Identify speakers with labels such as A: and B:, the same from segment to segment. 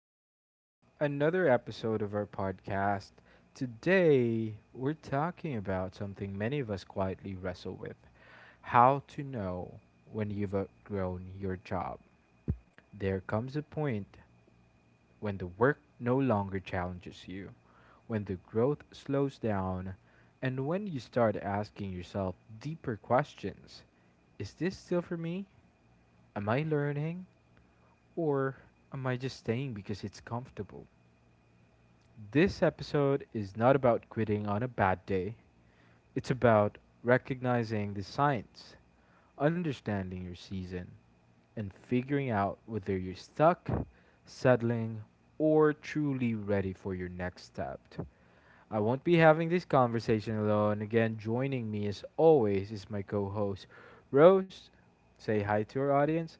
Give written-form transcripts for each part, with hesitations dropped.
A: for another episode of our podcast. Today, we're talking about something many of us quietly wrestle with: how to know when you've outgrown your job. There comes a point when the work no longer challenges you, when the growth slows down, and when you start asking yourself deeper questions. Is this still for me? Am I learning? Or am I just staying because it's comfortable? This episode is not about quitting on a bad day, it's about recognizing the signs, understanding your season, and figuring out whether you're stuck, settling, or truly ready for your next step. I won't be having this conversation alone. Again, joining me as always is my co host, Rose. Say hi to our audience.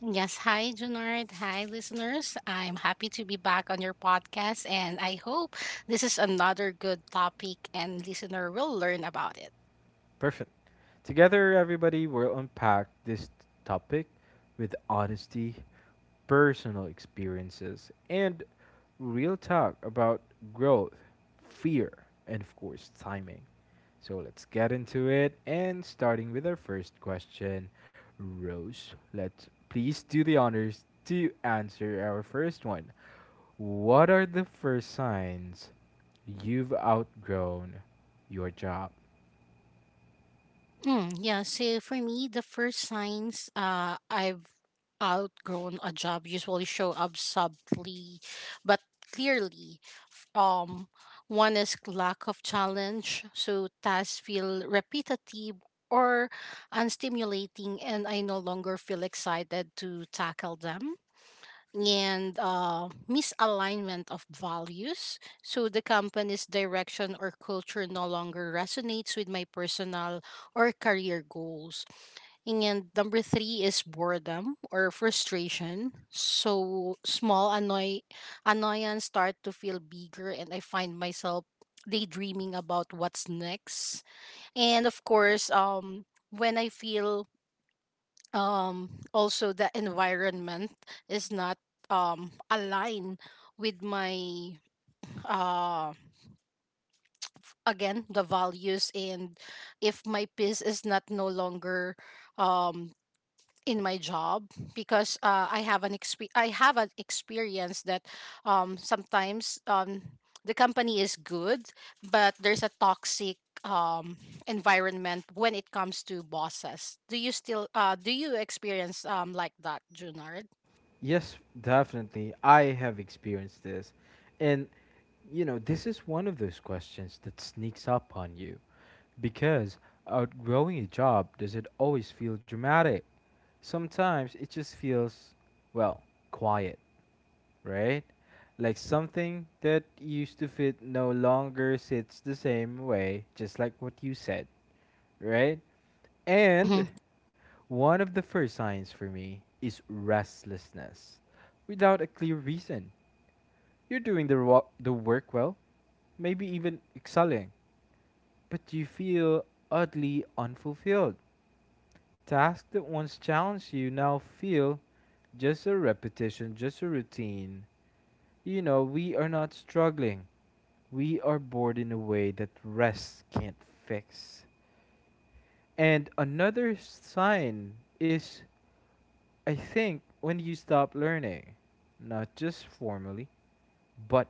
B: Yes, hi Junard. Hi listeners. I'm happy to be back on your podcast, and I hope this is another good topic and listener will learn about it.
A: Perfect. Together, everybody will unpack this topic with honesty, personal experiences, and real talk about growth, fear, and of course, timing. So let's get into it. And starting with our first question, Rose, let's please do the honors to answer our first one. What are the first signs you've outgrown your job?
B: Yeah, so for me the first signs I've outgrown a job usually show up subtly but clearly. F- Um One is lack of challenge, so tasks feel repetitive or unstimulating, and I no longer feel excited to tackle them. And misalignment of values. So the company's direction or culture no longer resonates with my personal or career goals. And number three is boredom or frustration. So annoyance start to feel bigger, and I find myself daydreaming about what's next. And of course, when I feel also the environment is not aligned with my uh again the values, and if my peace is not no longer um in my job. Because I have an I have an experience that sometimes the company is good but there's a toxic um environment when it comes to bosses. Do you still do you experience like that, Junard?
A: Yes, definitely. I have experienced this. And, you know, this is one of those questions that sneaks up on you, because outgrowing a job doesn't always feel dramatic. Sometimes it just feels, well, quiet, right? Like something that used to fit no longer sits the same way, just like what you said, right? And
B: Mhm,
A: one of the first signs for me is restlessness without a clear reason. You're doing the, the work well, maybe even excelling, but you feel oddly unfulfilled. Tasks that once challenged you now feel just a repetition, just a routine. You know, we are not struggling. We are bored in a way that rest can't fix. And another sign is, I think, when you stop learning, not just formally, but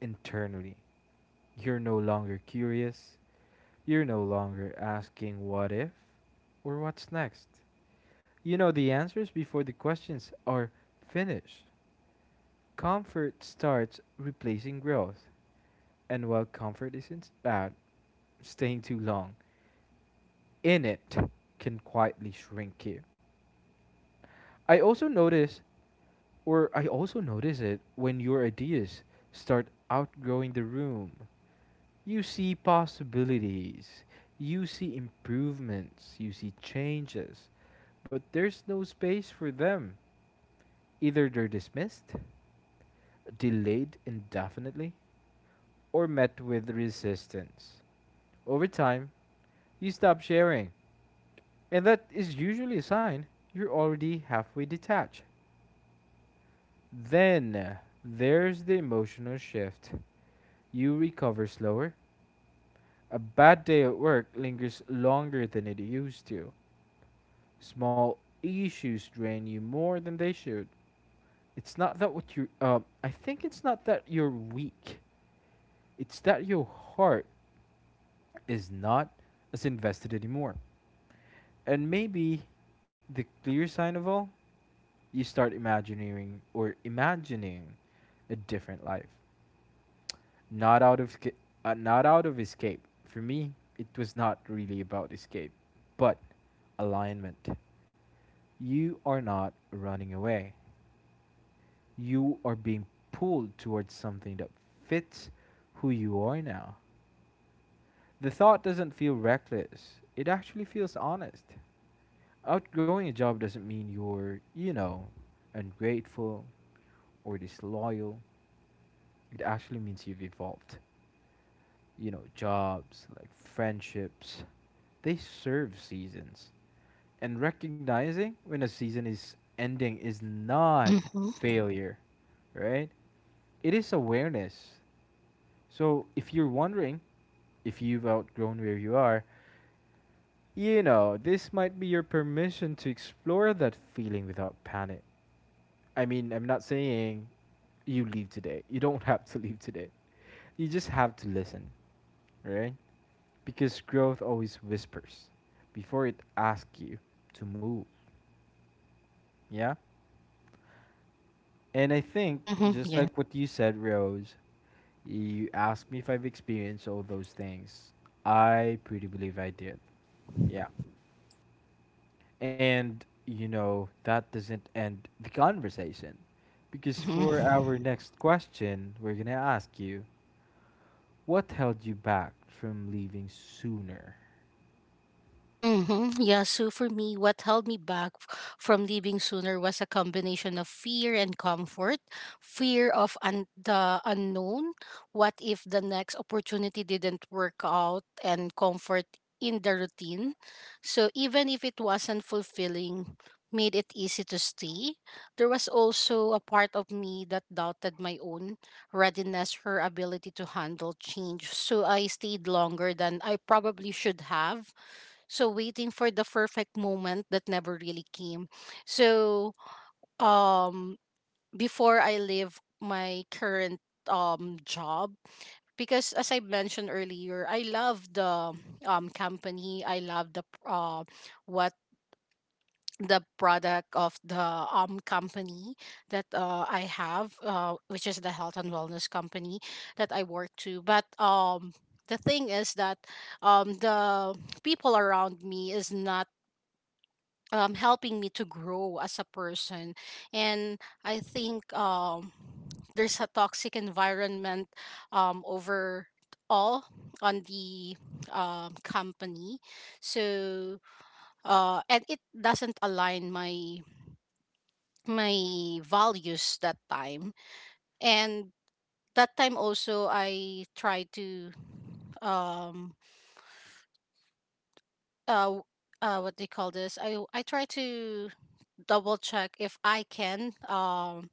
A: internally. You're no longer curious. You're no longer asking what if or what's next. You know the answers before the questions are finished. Comfort starts replacing growth. And while comfort isn't bad, staying too long in it can quietly shrink you. I also notice, or I also notice it when your ideas start outgrowing the room. You see possibilities, you see improvements, you see changes, but there's no space for them. Either they're dismissed, delayed indefinitely, or met with resistance. Over time, you stop sharing, and that is usually a sign you're already halfway detached. Then there's the emotional shift. You recover slower. A bad day at work lingers longer than it used to. Small issues drain you more than they should. It's not that what you. I think it's not that you're weak. It's that your heart is not as invested anymore. And maybe the clear sign of all, you start imagining or imagining a different life. Not out of not out of escape. For me, it was not really about escape, but alignment. You are not running away. You are being pulled towards something that fits who you are now. The thought doesn't feel reckless, it actually feels honest. Outgrowing a job doesn't mean you're, you know, ungrateful or disloyal. It actually means you've evolved. You know, jobs, like friendships, they serve seasons. And recognizing when a season is ending is not
B: mhm,
A: failure, right? It is awareness. So, if you're wondering if you've outgrown where you are, you know, this might be your permission to explore that feeling without panic. I mean, I'm not saying you leave today. You don't have to leave today. You just have to listen, right? Because growth always whispers before it asks you to move. Yeah? And I think,
B: mhm,
A: just
B: yeah.
A: like what you said, Rose, you asked me if I've experienced all those things. I pretty believe I did. Yeah. And, you know, that doesn't end the conversation. Because
B: Mhm.
A: for our next question, we're going to ask you, what held you back from leaving sooner?
B: Yeah, so for me, what held me back from leaving sooner was a combination of fear and comfort. Fear of the unknown. What if the next opportunity didn't work out? And comfort in the routine. So even if it wasn't fulfilling, made it easy to stay. There was also a part of me that doubted my own readiness or ability to handle change, so I stayed longer than I probably should have, so waiting for the perfect moment that never really came. So um before I leave my current job, because as I mentioned earlier, I love the company. I love the what the product of the company that I have, which is the health and wellness company that I work to. But the thing is that the people around me is not helping me to grow as a person. And I think there's a toxic environment over all on the company. So and it doesn't align my my values that time. And that time also I try to um uh, w- what they call this, I try to double check if I can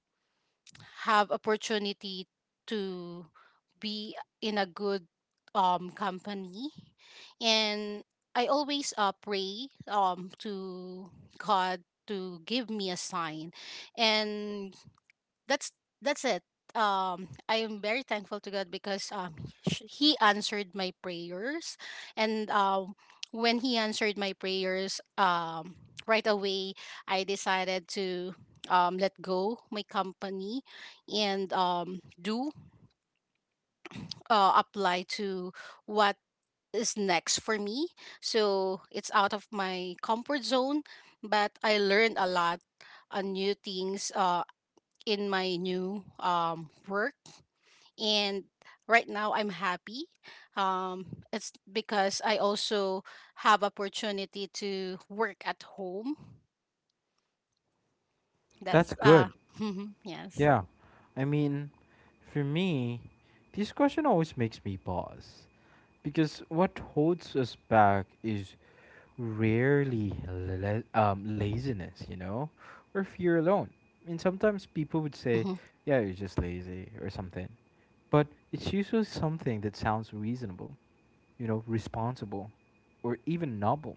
B: have opportunity to be in a good company. And I always pray to God to give me a sign, and that's that's it. I am very thankful to God because He answered my prayers. And when He answered my prayers, right away I decided to let go my company and do apply to what is next for me. So it's out of my comfort zone, but I learned a lot, new things in my new work. And right now I'm happy. Um, it's because I also have opportunity to work at home. That's
A: That's good.
B: yes.
A: Yeah. I mean, for me, this question always makes me pause, because what holds us back is rarely laziness, you know, or fear alone. I mean, sometimes people would say,
B: Mm-hmm,
A: yeah, you're just lazy or something. But it's usually something that sounds reasonable, you know, responsible, or even noble.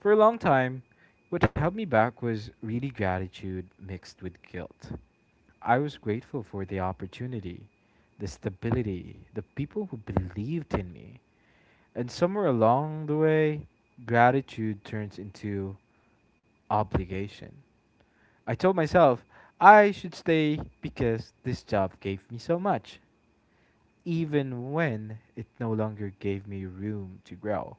A: For a long time, what held me back was really gratitude mixed with guilt. I was grateful for the opportunity, the stability, the people who believed in me. And somewhere along the way, gratitude turns into obligation. I told myself I should stay because this job gave me so much, even when it no longer gave me room to grow.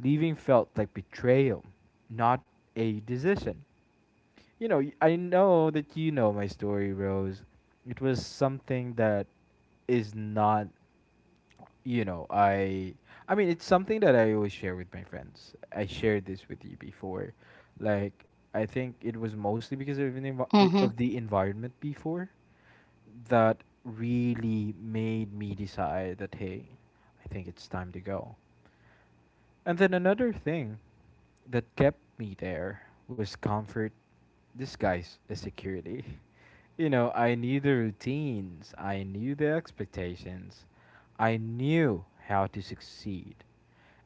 A: Leaving felt like betrayal, not a decision. You know, I know that you know my story, Rose. It was something that is not, you know, I mean, it's something that I always share with my friends. I shared this with you before. Like, I think it was mostly because of an
B: mm-hmm,
A: of the environment before that really made me decide that hey, I think it's time to go. And then another thing that kept me there was comfort disguised as security. You know, I knew the routines, I knew the expectations, I knew how to succeed.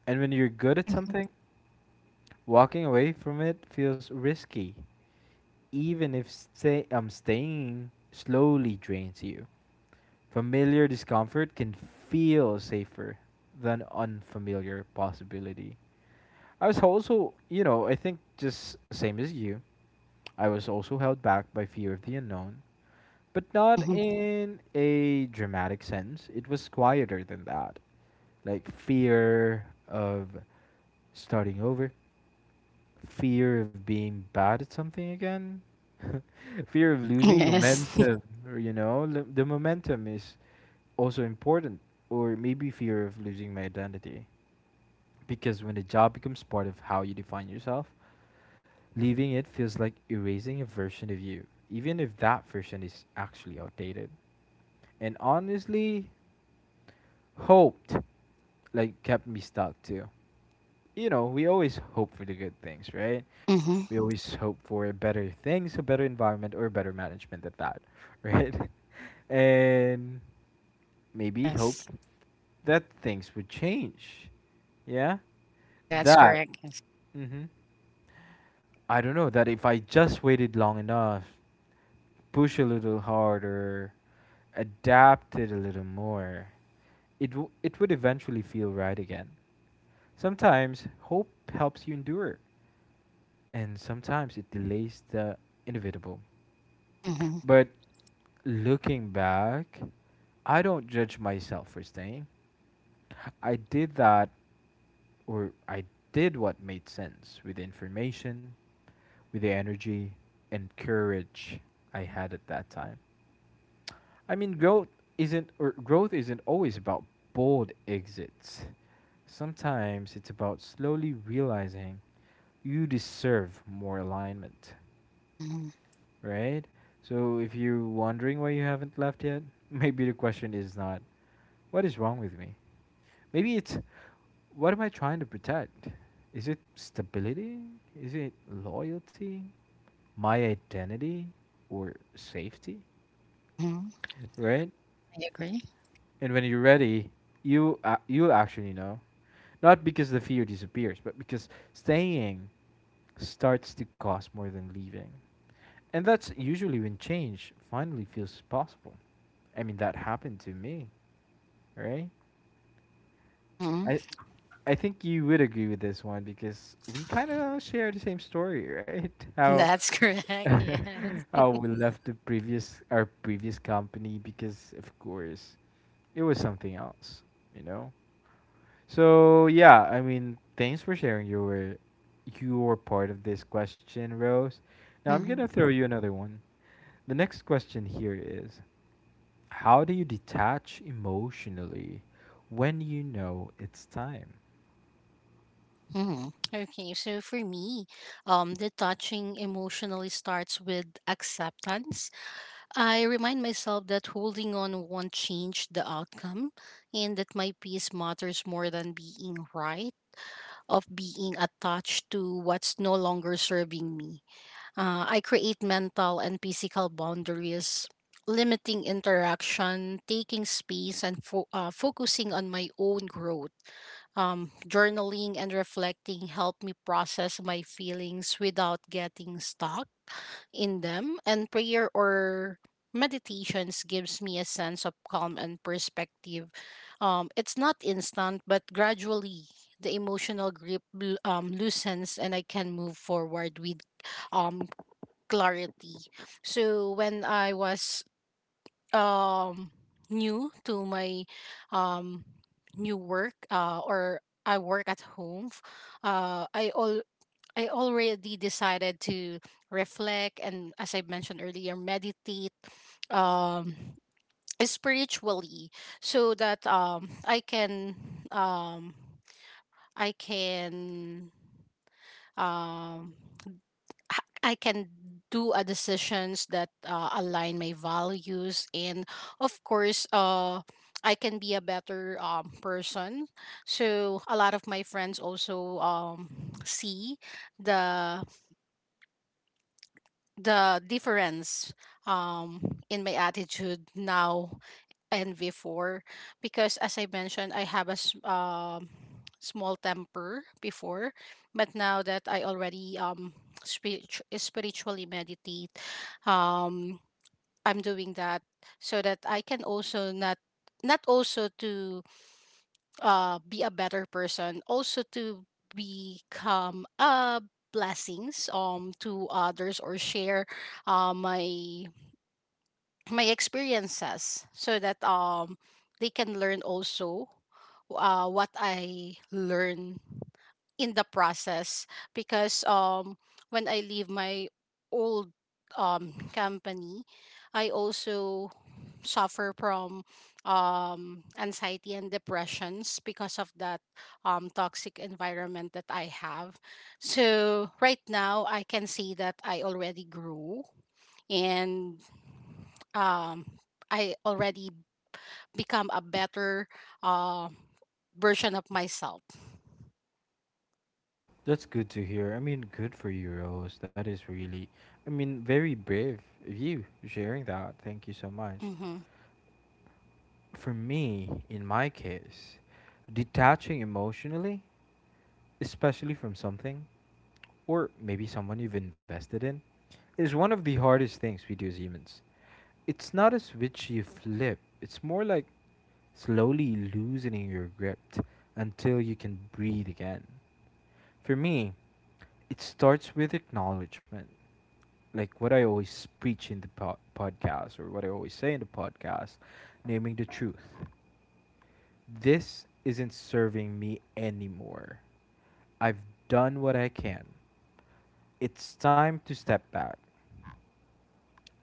A: And when you're good at
B: mm-hmm,
A: something, walking away from it feels risky, even if staying slowly drains you. Familiar discomfort can feel safer than unfamiliar possibility. I was also, you know, I think just same as you, I was also held back by fear of the unknown, but not
B: mm-hmm.
A: in a dramatic sense. It was quieter than that. Like fear of starting over, fear of being bad at something again, fear of losing
B: Yes.
A: momentum, or, you know, the momentum is also important, or maybe fear of losing my identity. Because when a job becomes part of how you define yourself, leaving it feels like erasing a version of you, even if that version is actually outdated. And honestly, hoped like kept me stuck too. You know, we always hope for the good things, right? We
B: mm-hmm,
A: always hope for better things, a better environment, or better management at that, right? And maybe hope
B: yes.
A: that things would change. Yeah,
B: That's
A: that.
B: correct. Yes.
A: Mm-hmm. I don't know that if I just waited long enough, push a little harder, adapted a little more, it would eventually feel right again. Sometimes hope helps you endure, and sometimes it delays the inevitable.
B: Mm-hmm,
A: But looking back, I don't judge myself for staying. I did that, or I did what made sense with the information, with the energy, and courage I had at that time. I mean, growth isn't or growth isn't always about bold exits. Sometimes it's about slowly realizing you deserve more alignment,
B: mm-hmm,
A: right? So if you're wondering why you haven't left yet, maybe the question is not, what is wrong with me? Maybe it's, what am I trying to protect? Is it stability? Is it loyalty? My identity? Or safety?
B: mm-hmm.
A: Right?
B: I agree.
A: And when you're ready, you you'll actually know, not because the fear disappears, but because staying starts to cost more than leaving, and that's usually when change finally feels possible. I mean, that happened to me, right?
B: Mm-hmm.
A: I I think you would agree with this one because we kind of share the same story, right? How
B: That's correct. Yes.
A: how we left the previous our previous company, because of course it was something else, you know. So yeah, I mean, thanks for sharing your part of this question, Rose. Now I'm gonna throw
B: Mm-hmm.
A: you another one. The next question here is, how do you detach emotionally when you know it's time?
B: Mm-hmm. Okay. So for me, detaching emotionally starts with acceptance. I remind myself that holding on won't change the outcome, and that my peace matters more than being right, of being attached to what's no longer serving me. I create mental and physical boundaries, limiting interaction, taking space, and focusing on my own growth. Journaling and reflecting help me process my feelings without getting stuck in them, and prayer or meditations gives me a sense of calm and perspective. It's not instant, but gradually the emotional grip loosens and I can move forward with um, clarity. So when I was um, new to my um, new work or I work at home, uh, I all I already decided to reflect and, as I mentioned earlier, meditate um spiritually, so that um I can um I can do a decisions that align my values, and of course I can be a better person. So a lot of my friends also see the the difference um in my attitude now and before, because as I mentioned, I have a small temper before, but now that I already spiritually meditate, um I'm doing that so that I can also not not also to be a better person, also to become a blessings to others, or share my my experiences so that they can learn also what I learn in the process. Because when I leave my old company, I also suffer from anxiety and depressions because of that toxic environment that I have. So right now I can see that I already grew, and um I already become a better uh, version of myself.
A: That's good to hear. I mean, good for you, Rose. That is really, I mean, very brave of you sharing that. Thank you so much.
B: Mm-hmm.
A: For me, in my case, detaching emotionally, especially from something, or maybe someone you've invested in, is one of the hardest things we do as humans. It's not a switch you flip, it's more like slowly loosening your grip until you can breathe again. For me, it starts with acknowledgement. Like what I always preach in the podcast, or what I always say in the podcast, naming the truth, this isn't serving me anymore. I've done what I can. It's time to step back.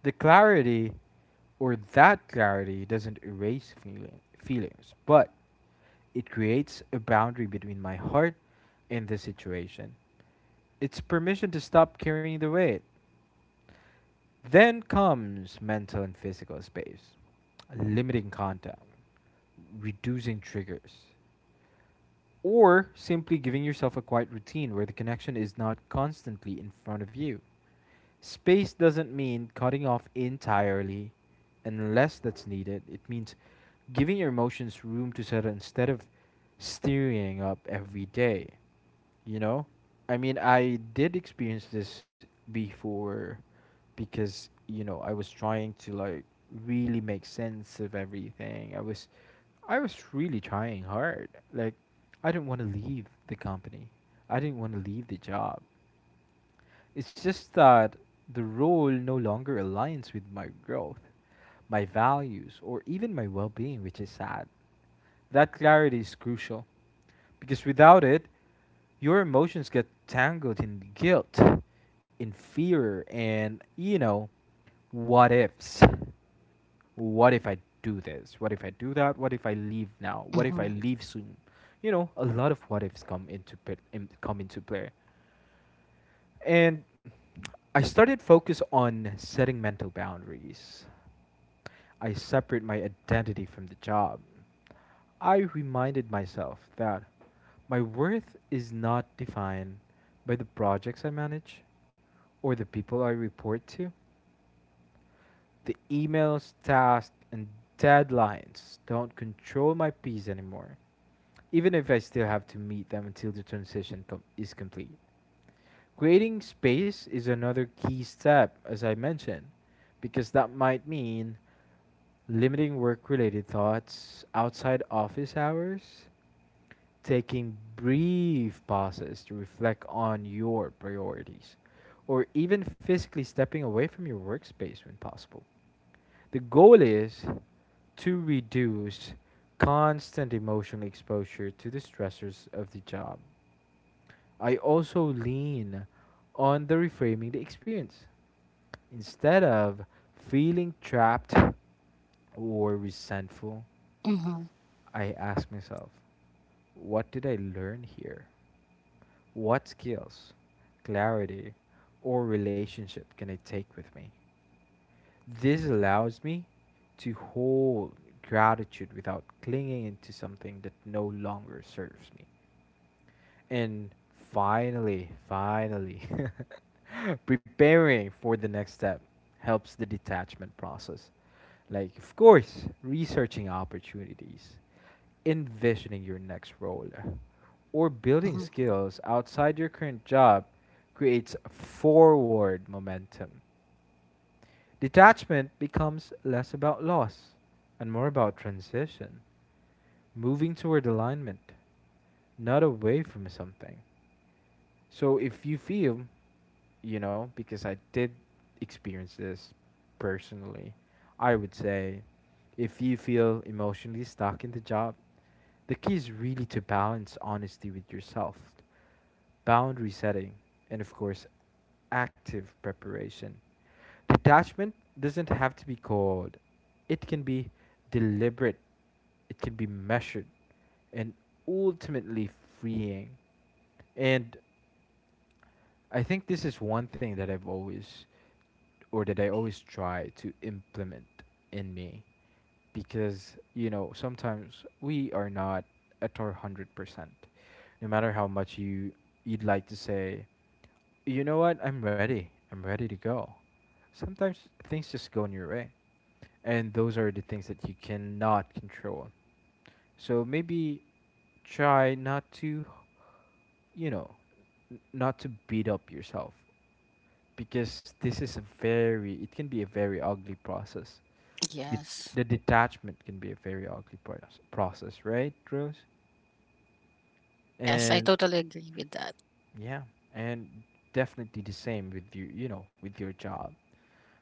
A: The clarity or That clarity doesn't erase feelings, but it creates a boundary between my heart and the situation. It's permission to stop carrying the weight. Then comes mental and physical space, limiting contact, reducing triggers, or simply giving yourself a quiet routine where the connection is not constantly in front of you. Space doesn't mean cutting off entirely unless that's needed. It means giving your emotions room to settle instead of stirring up every day, you know I did experience this before. Because I was trying to, like, really make sense of everything. I was really trying hard. Like, I didn't want to leave the company, I didn't want to leave the job. It's just that the role no longer aligns with my growth, my values, or even my well being, which is sad. That clarity is crucial because without it, your emotions get tangled in guilt, in fear, and, what ifs. What if I do this? What if I do that? What if I leave now? What if
B: Mm-hmm.
A: I leave soon? You know, a lot of what ifs come into play. And I started focus on setting mental boundaries. I separate my identity from the job. I reminded myself that my worth is not defined by the projects I manage or the people I report to. The emails, tasks, and deadlines don't control my peace anymore, even if I still have to meet them until the is complete. Creating space is another key step, as I mentioned, because that might mean limiting work related thoughts outside office hours, taking brief pauses to reflect on your priorities, or even physically stepping away from your workspace when possible. The goal is to reduce constant emotional exposure to the stressors of the job. I also lean on the reframing the experience. Instead of feeling trapped or resentful, I ask myself, what did I learn here? What skills, clarity, or relationship can I take with me? This allows me to hold gratitude without clinging into something that no longer serves me. And finally, preparing for the next step helps the detachment process. Like, of course, researching opportunities, envisioning your next role, or building
B: hmm
A: skills outside your current job creates forward momentum. Detachment becomes less about loss and more about transition, moving toward alignment, not away from something. So if you feel, you know, because I did experience this personally, I would say if you feel emotionally stuck in the job, the key is really to balance honesty with yourself, boundary setting, and of course, active preparation. Detachment doesn't have to be cold, it can be deliberate, it can be measured, and ultimately freeing. And I think this is one thing that I've always or that I always try to implement in me, because you know, sometimes we are not at our 100%. No matter how much you 'd like to say, you know what? I'm ready. I'm ready to go. Sometimes things just go in your way. And those are the things that you cannot control. So maybe try not to, you know, not to beat up yourself, because this is a very, it can be a very ugly process. The,
B: Yes.
A: the detachment can be a very ugly process, right, Rose?
B: Yes, I
A: And
B: totally agree with that.
A: yeah, and definitely the same with you, you know, with your job.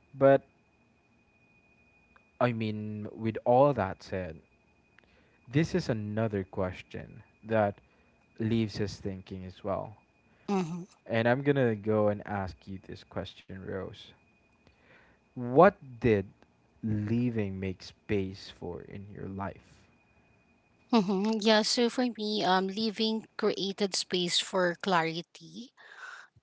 A: But I mean, with all that said, this is another question that leaves us thinking as well.
B: Mm-hmm.
A: And I'm going to go and ask you this question, Rose. What did leaving makes space for in your life.
B: Mm-hmm. Yeah, so for me, leaving created space for clarity,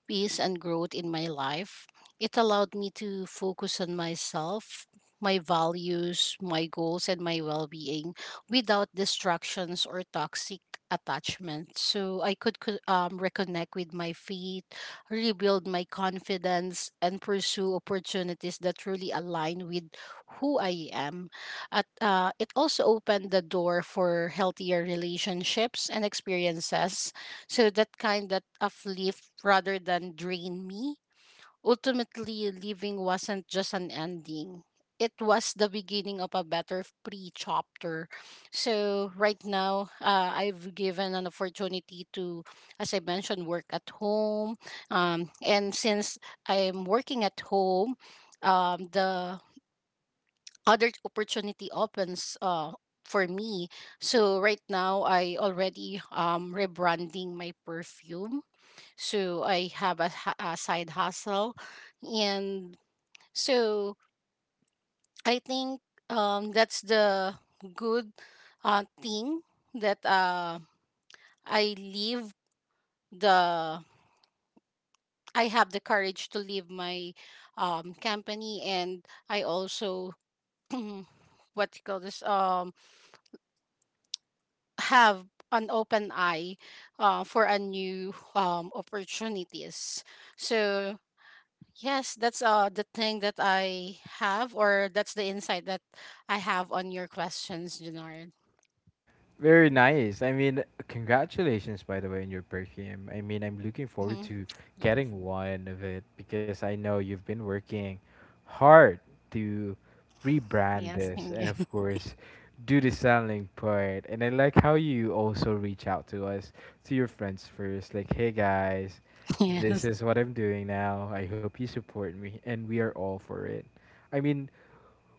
B: peace and growth in my life. It allowed me to focus on myself, my values, my goals, and my well being, without distractions or toxic attachment. So I could reconnect with my faith, rebuild my confidence, and pursue opportunities that truly align with who I am. It also opened the door for healthier relationships and experiences, so that kind that uplift rather than drain me. Ultimately, leaving wasn't just an ending. It was the beginning of a better pre chapter. So right now, I've given an opportunity to, as I mentioned, work at home. And since I'm working at home, the other opportunity opens for me. So right now, I already rebranding my perfume, so I have a, a side hustle. And so I think that's the good thing that I leave the, I have the courage to leave my company. And I also, what you call this, have an open eye for a new opportunities. So yes, that's the thing that I have, or that's the insight that I have on your questions, Janard.
A: Very nice. I mean, congratulations, by the way, on your perfume. I mean, I'm looking forward
B: Mm-hmm.
A: to
B: Yes,
A: getting one of it, because I know you've been working hard to rebrand
B: yes,
A: this
B: thank you.
A: and, of course, do the selling part. And I like how you also reach out to us, to your friends first, like, hey guys, this
B: yes,
A: is what I'm doing now. I hope you support me, and we are all for it. I mean,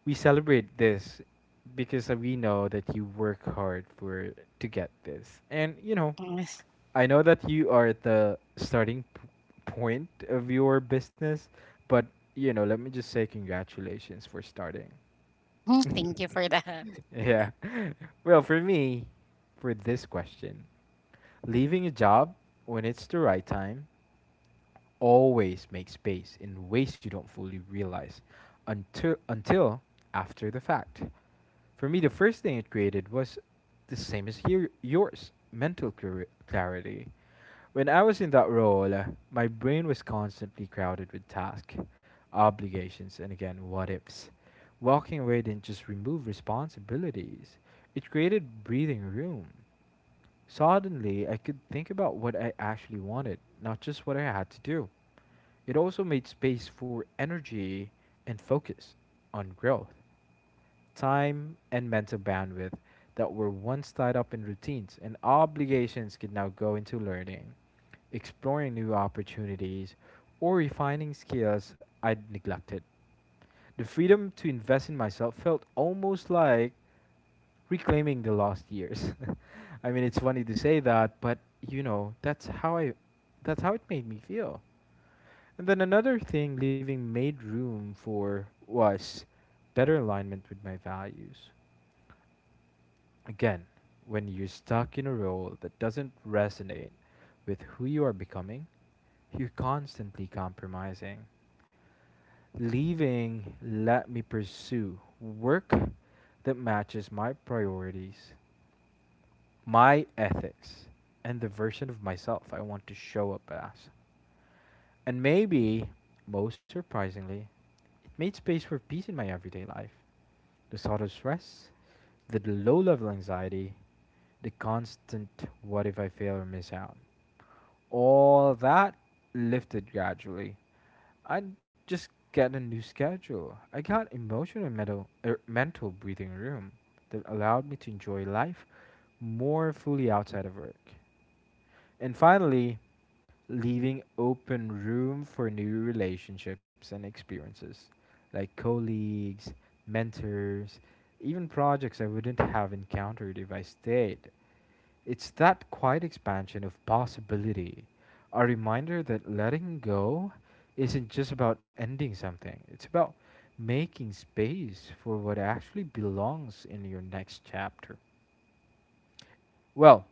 A: we celebrate this because we know that you work hard for to get this. And you know,
B: yes.
A: I know that you are at the point of your business, but you know, let me just say congratulations for starting.
B: Mm-hmm. Thank you for that.
A: Yeah. Well, for me, for this question, leaving a job when it's the right time always make space in ways you don't fully realize until after the fact. For me, the first thing it created was the same as here yours, mental clarity. When I was in that role, my brain was constantly crowded with tasks, obligations, and again, what ifs. Walking away didn't just remove responsibilities, it created breathing room. Suddenly, I could think about what I actually wanted, not just what I had to do. It also made space for energy and focus on growth time, and mental bandwidth that were once tied up in routines and obligations could now go into learning, exploring new opportunities, or refining skills I'd neglected. The freedom to invest in myself felt almost like reclaiming the lost years. I mean, it's funny to say that, but you know, that's how it made me feel. And then another thing leaving made room for was better alignment with my values. Again, when you're stuck in a role that doesn't resonate with who you are becoming, you're constantly compromising. Leaving let me pursue work that matches my priorities, my ethics, and the version of myself I want to show up as. And maybe, most surprisingly, it made space for peace in my everyday life. The sort of stress, the low level anxiety, the constant what if I fail or miss out. All that lifted gradually. I just get a new schedule. I got emotional and mental breathing room that allowed me to enjoy life more fully outside of work. And finally, leaving open room for new relationships and experiences, like colleagues, mentors, even projects I wouldn't have encountered if I stayed. It's that quiet expansion of possibility, a reminder that letting go isn't just about ending something, it's about making space for what actually belongs in your next chapter. Well,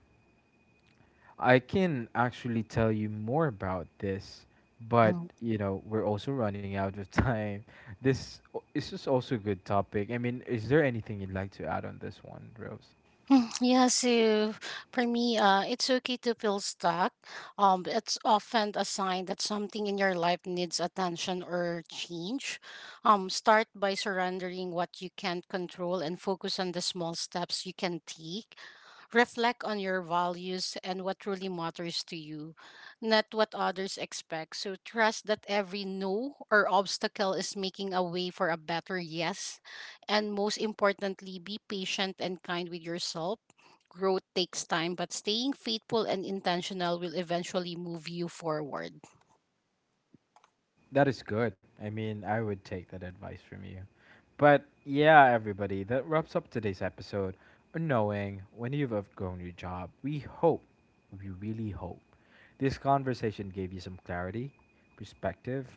A: I can actually tell you more about this, but
B: Mhm.
A: you know, we're also running out of time. This is also a good topic. I mean, is there anything you'd like to add on this one, Rose?
B: Yeah, so for me, it's okay to feel stuck. It's often a sign that something in your life needs attention or change. Start by surrendering what you can't control and focus on the small steps you can take. Reflect on your values and what truly matters to you, not what others expect. So trust that every no or obstacle is making a way for a better yes, and most importantly, be patient and kind with yourself. Growth takes time, but staying faithful and intentional will eventually move you forward.
A: That is good. I mean, I would take that advice from you. But yeah, everybody, that wraps up today's episode. Knowing when you've outgrown your job, we hope, we really hope this conversation gave you some clarity, perspective,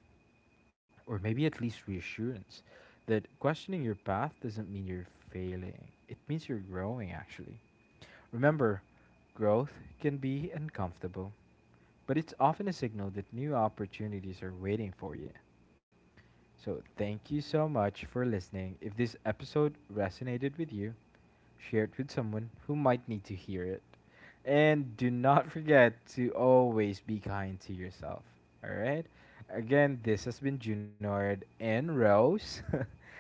A: or maybe at least reassurance that questioning your path doesn't mean you're failing. It means you're growing, actually. Remember, growth can be uncomfortable, but it's often a signal that new opportunities are waiting for you. So, thank you so much for listening. If this episode resonated with you, share it with someone who might need to hear it. And do not forget to always be kind to yourself. All right? Again, this has been Junard and Rose.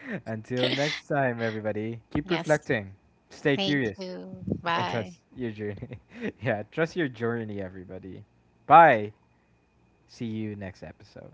A: Until next time, everybody, keep
B: Yes.
A: reflecting, stay
B: Thank
A: curious,
B: you.
A: and
B: Bye.
A: trust your journey. Yeah, trust your journey, everybody. Bye. See you next episode.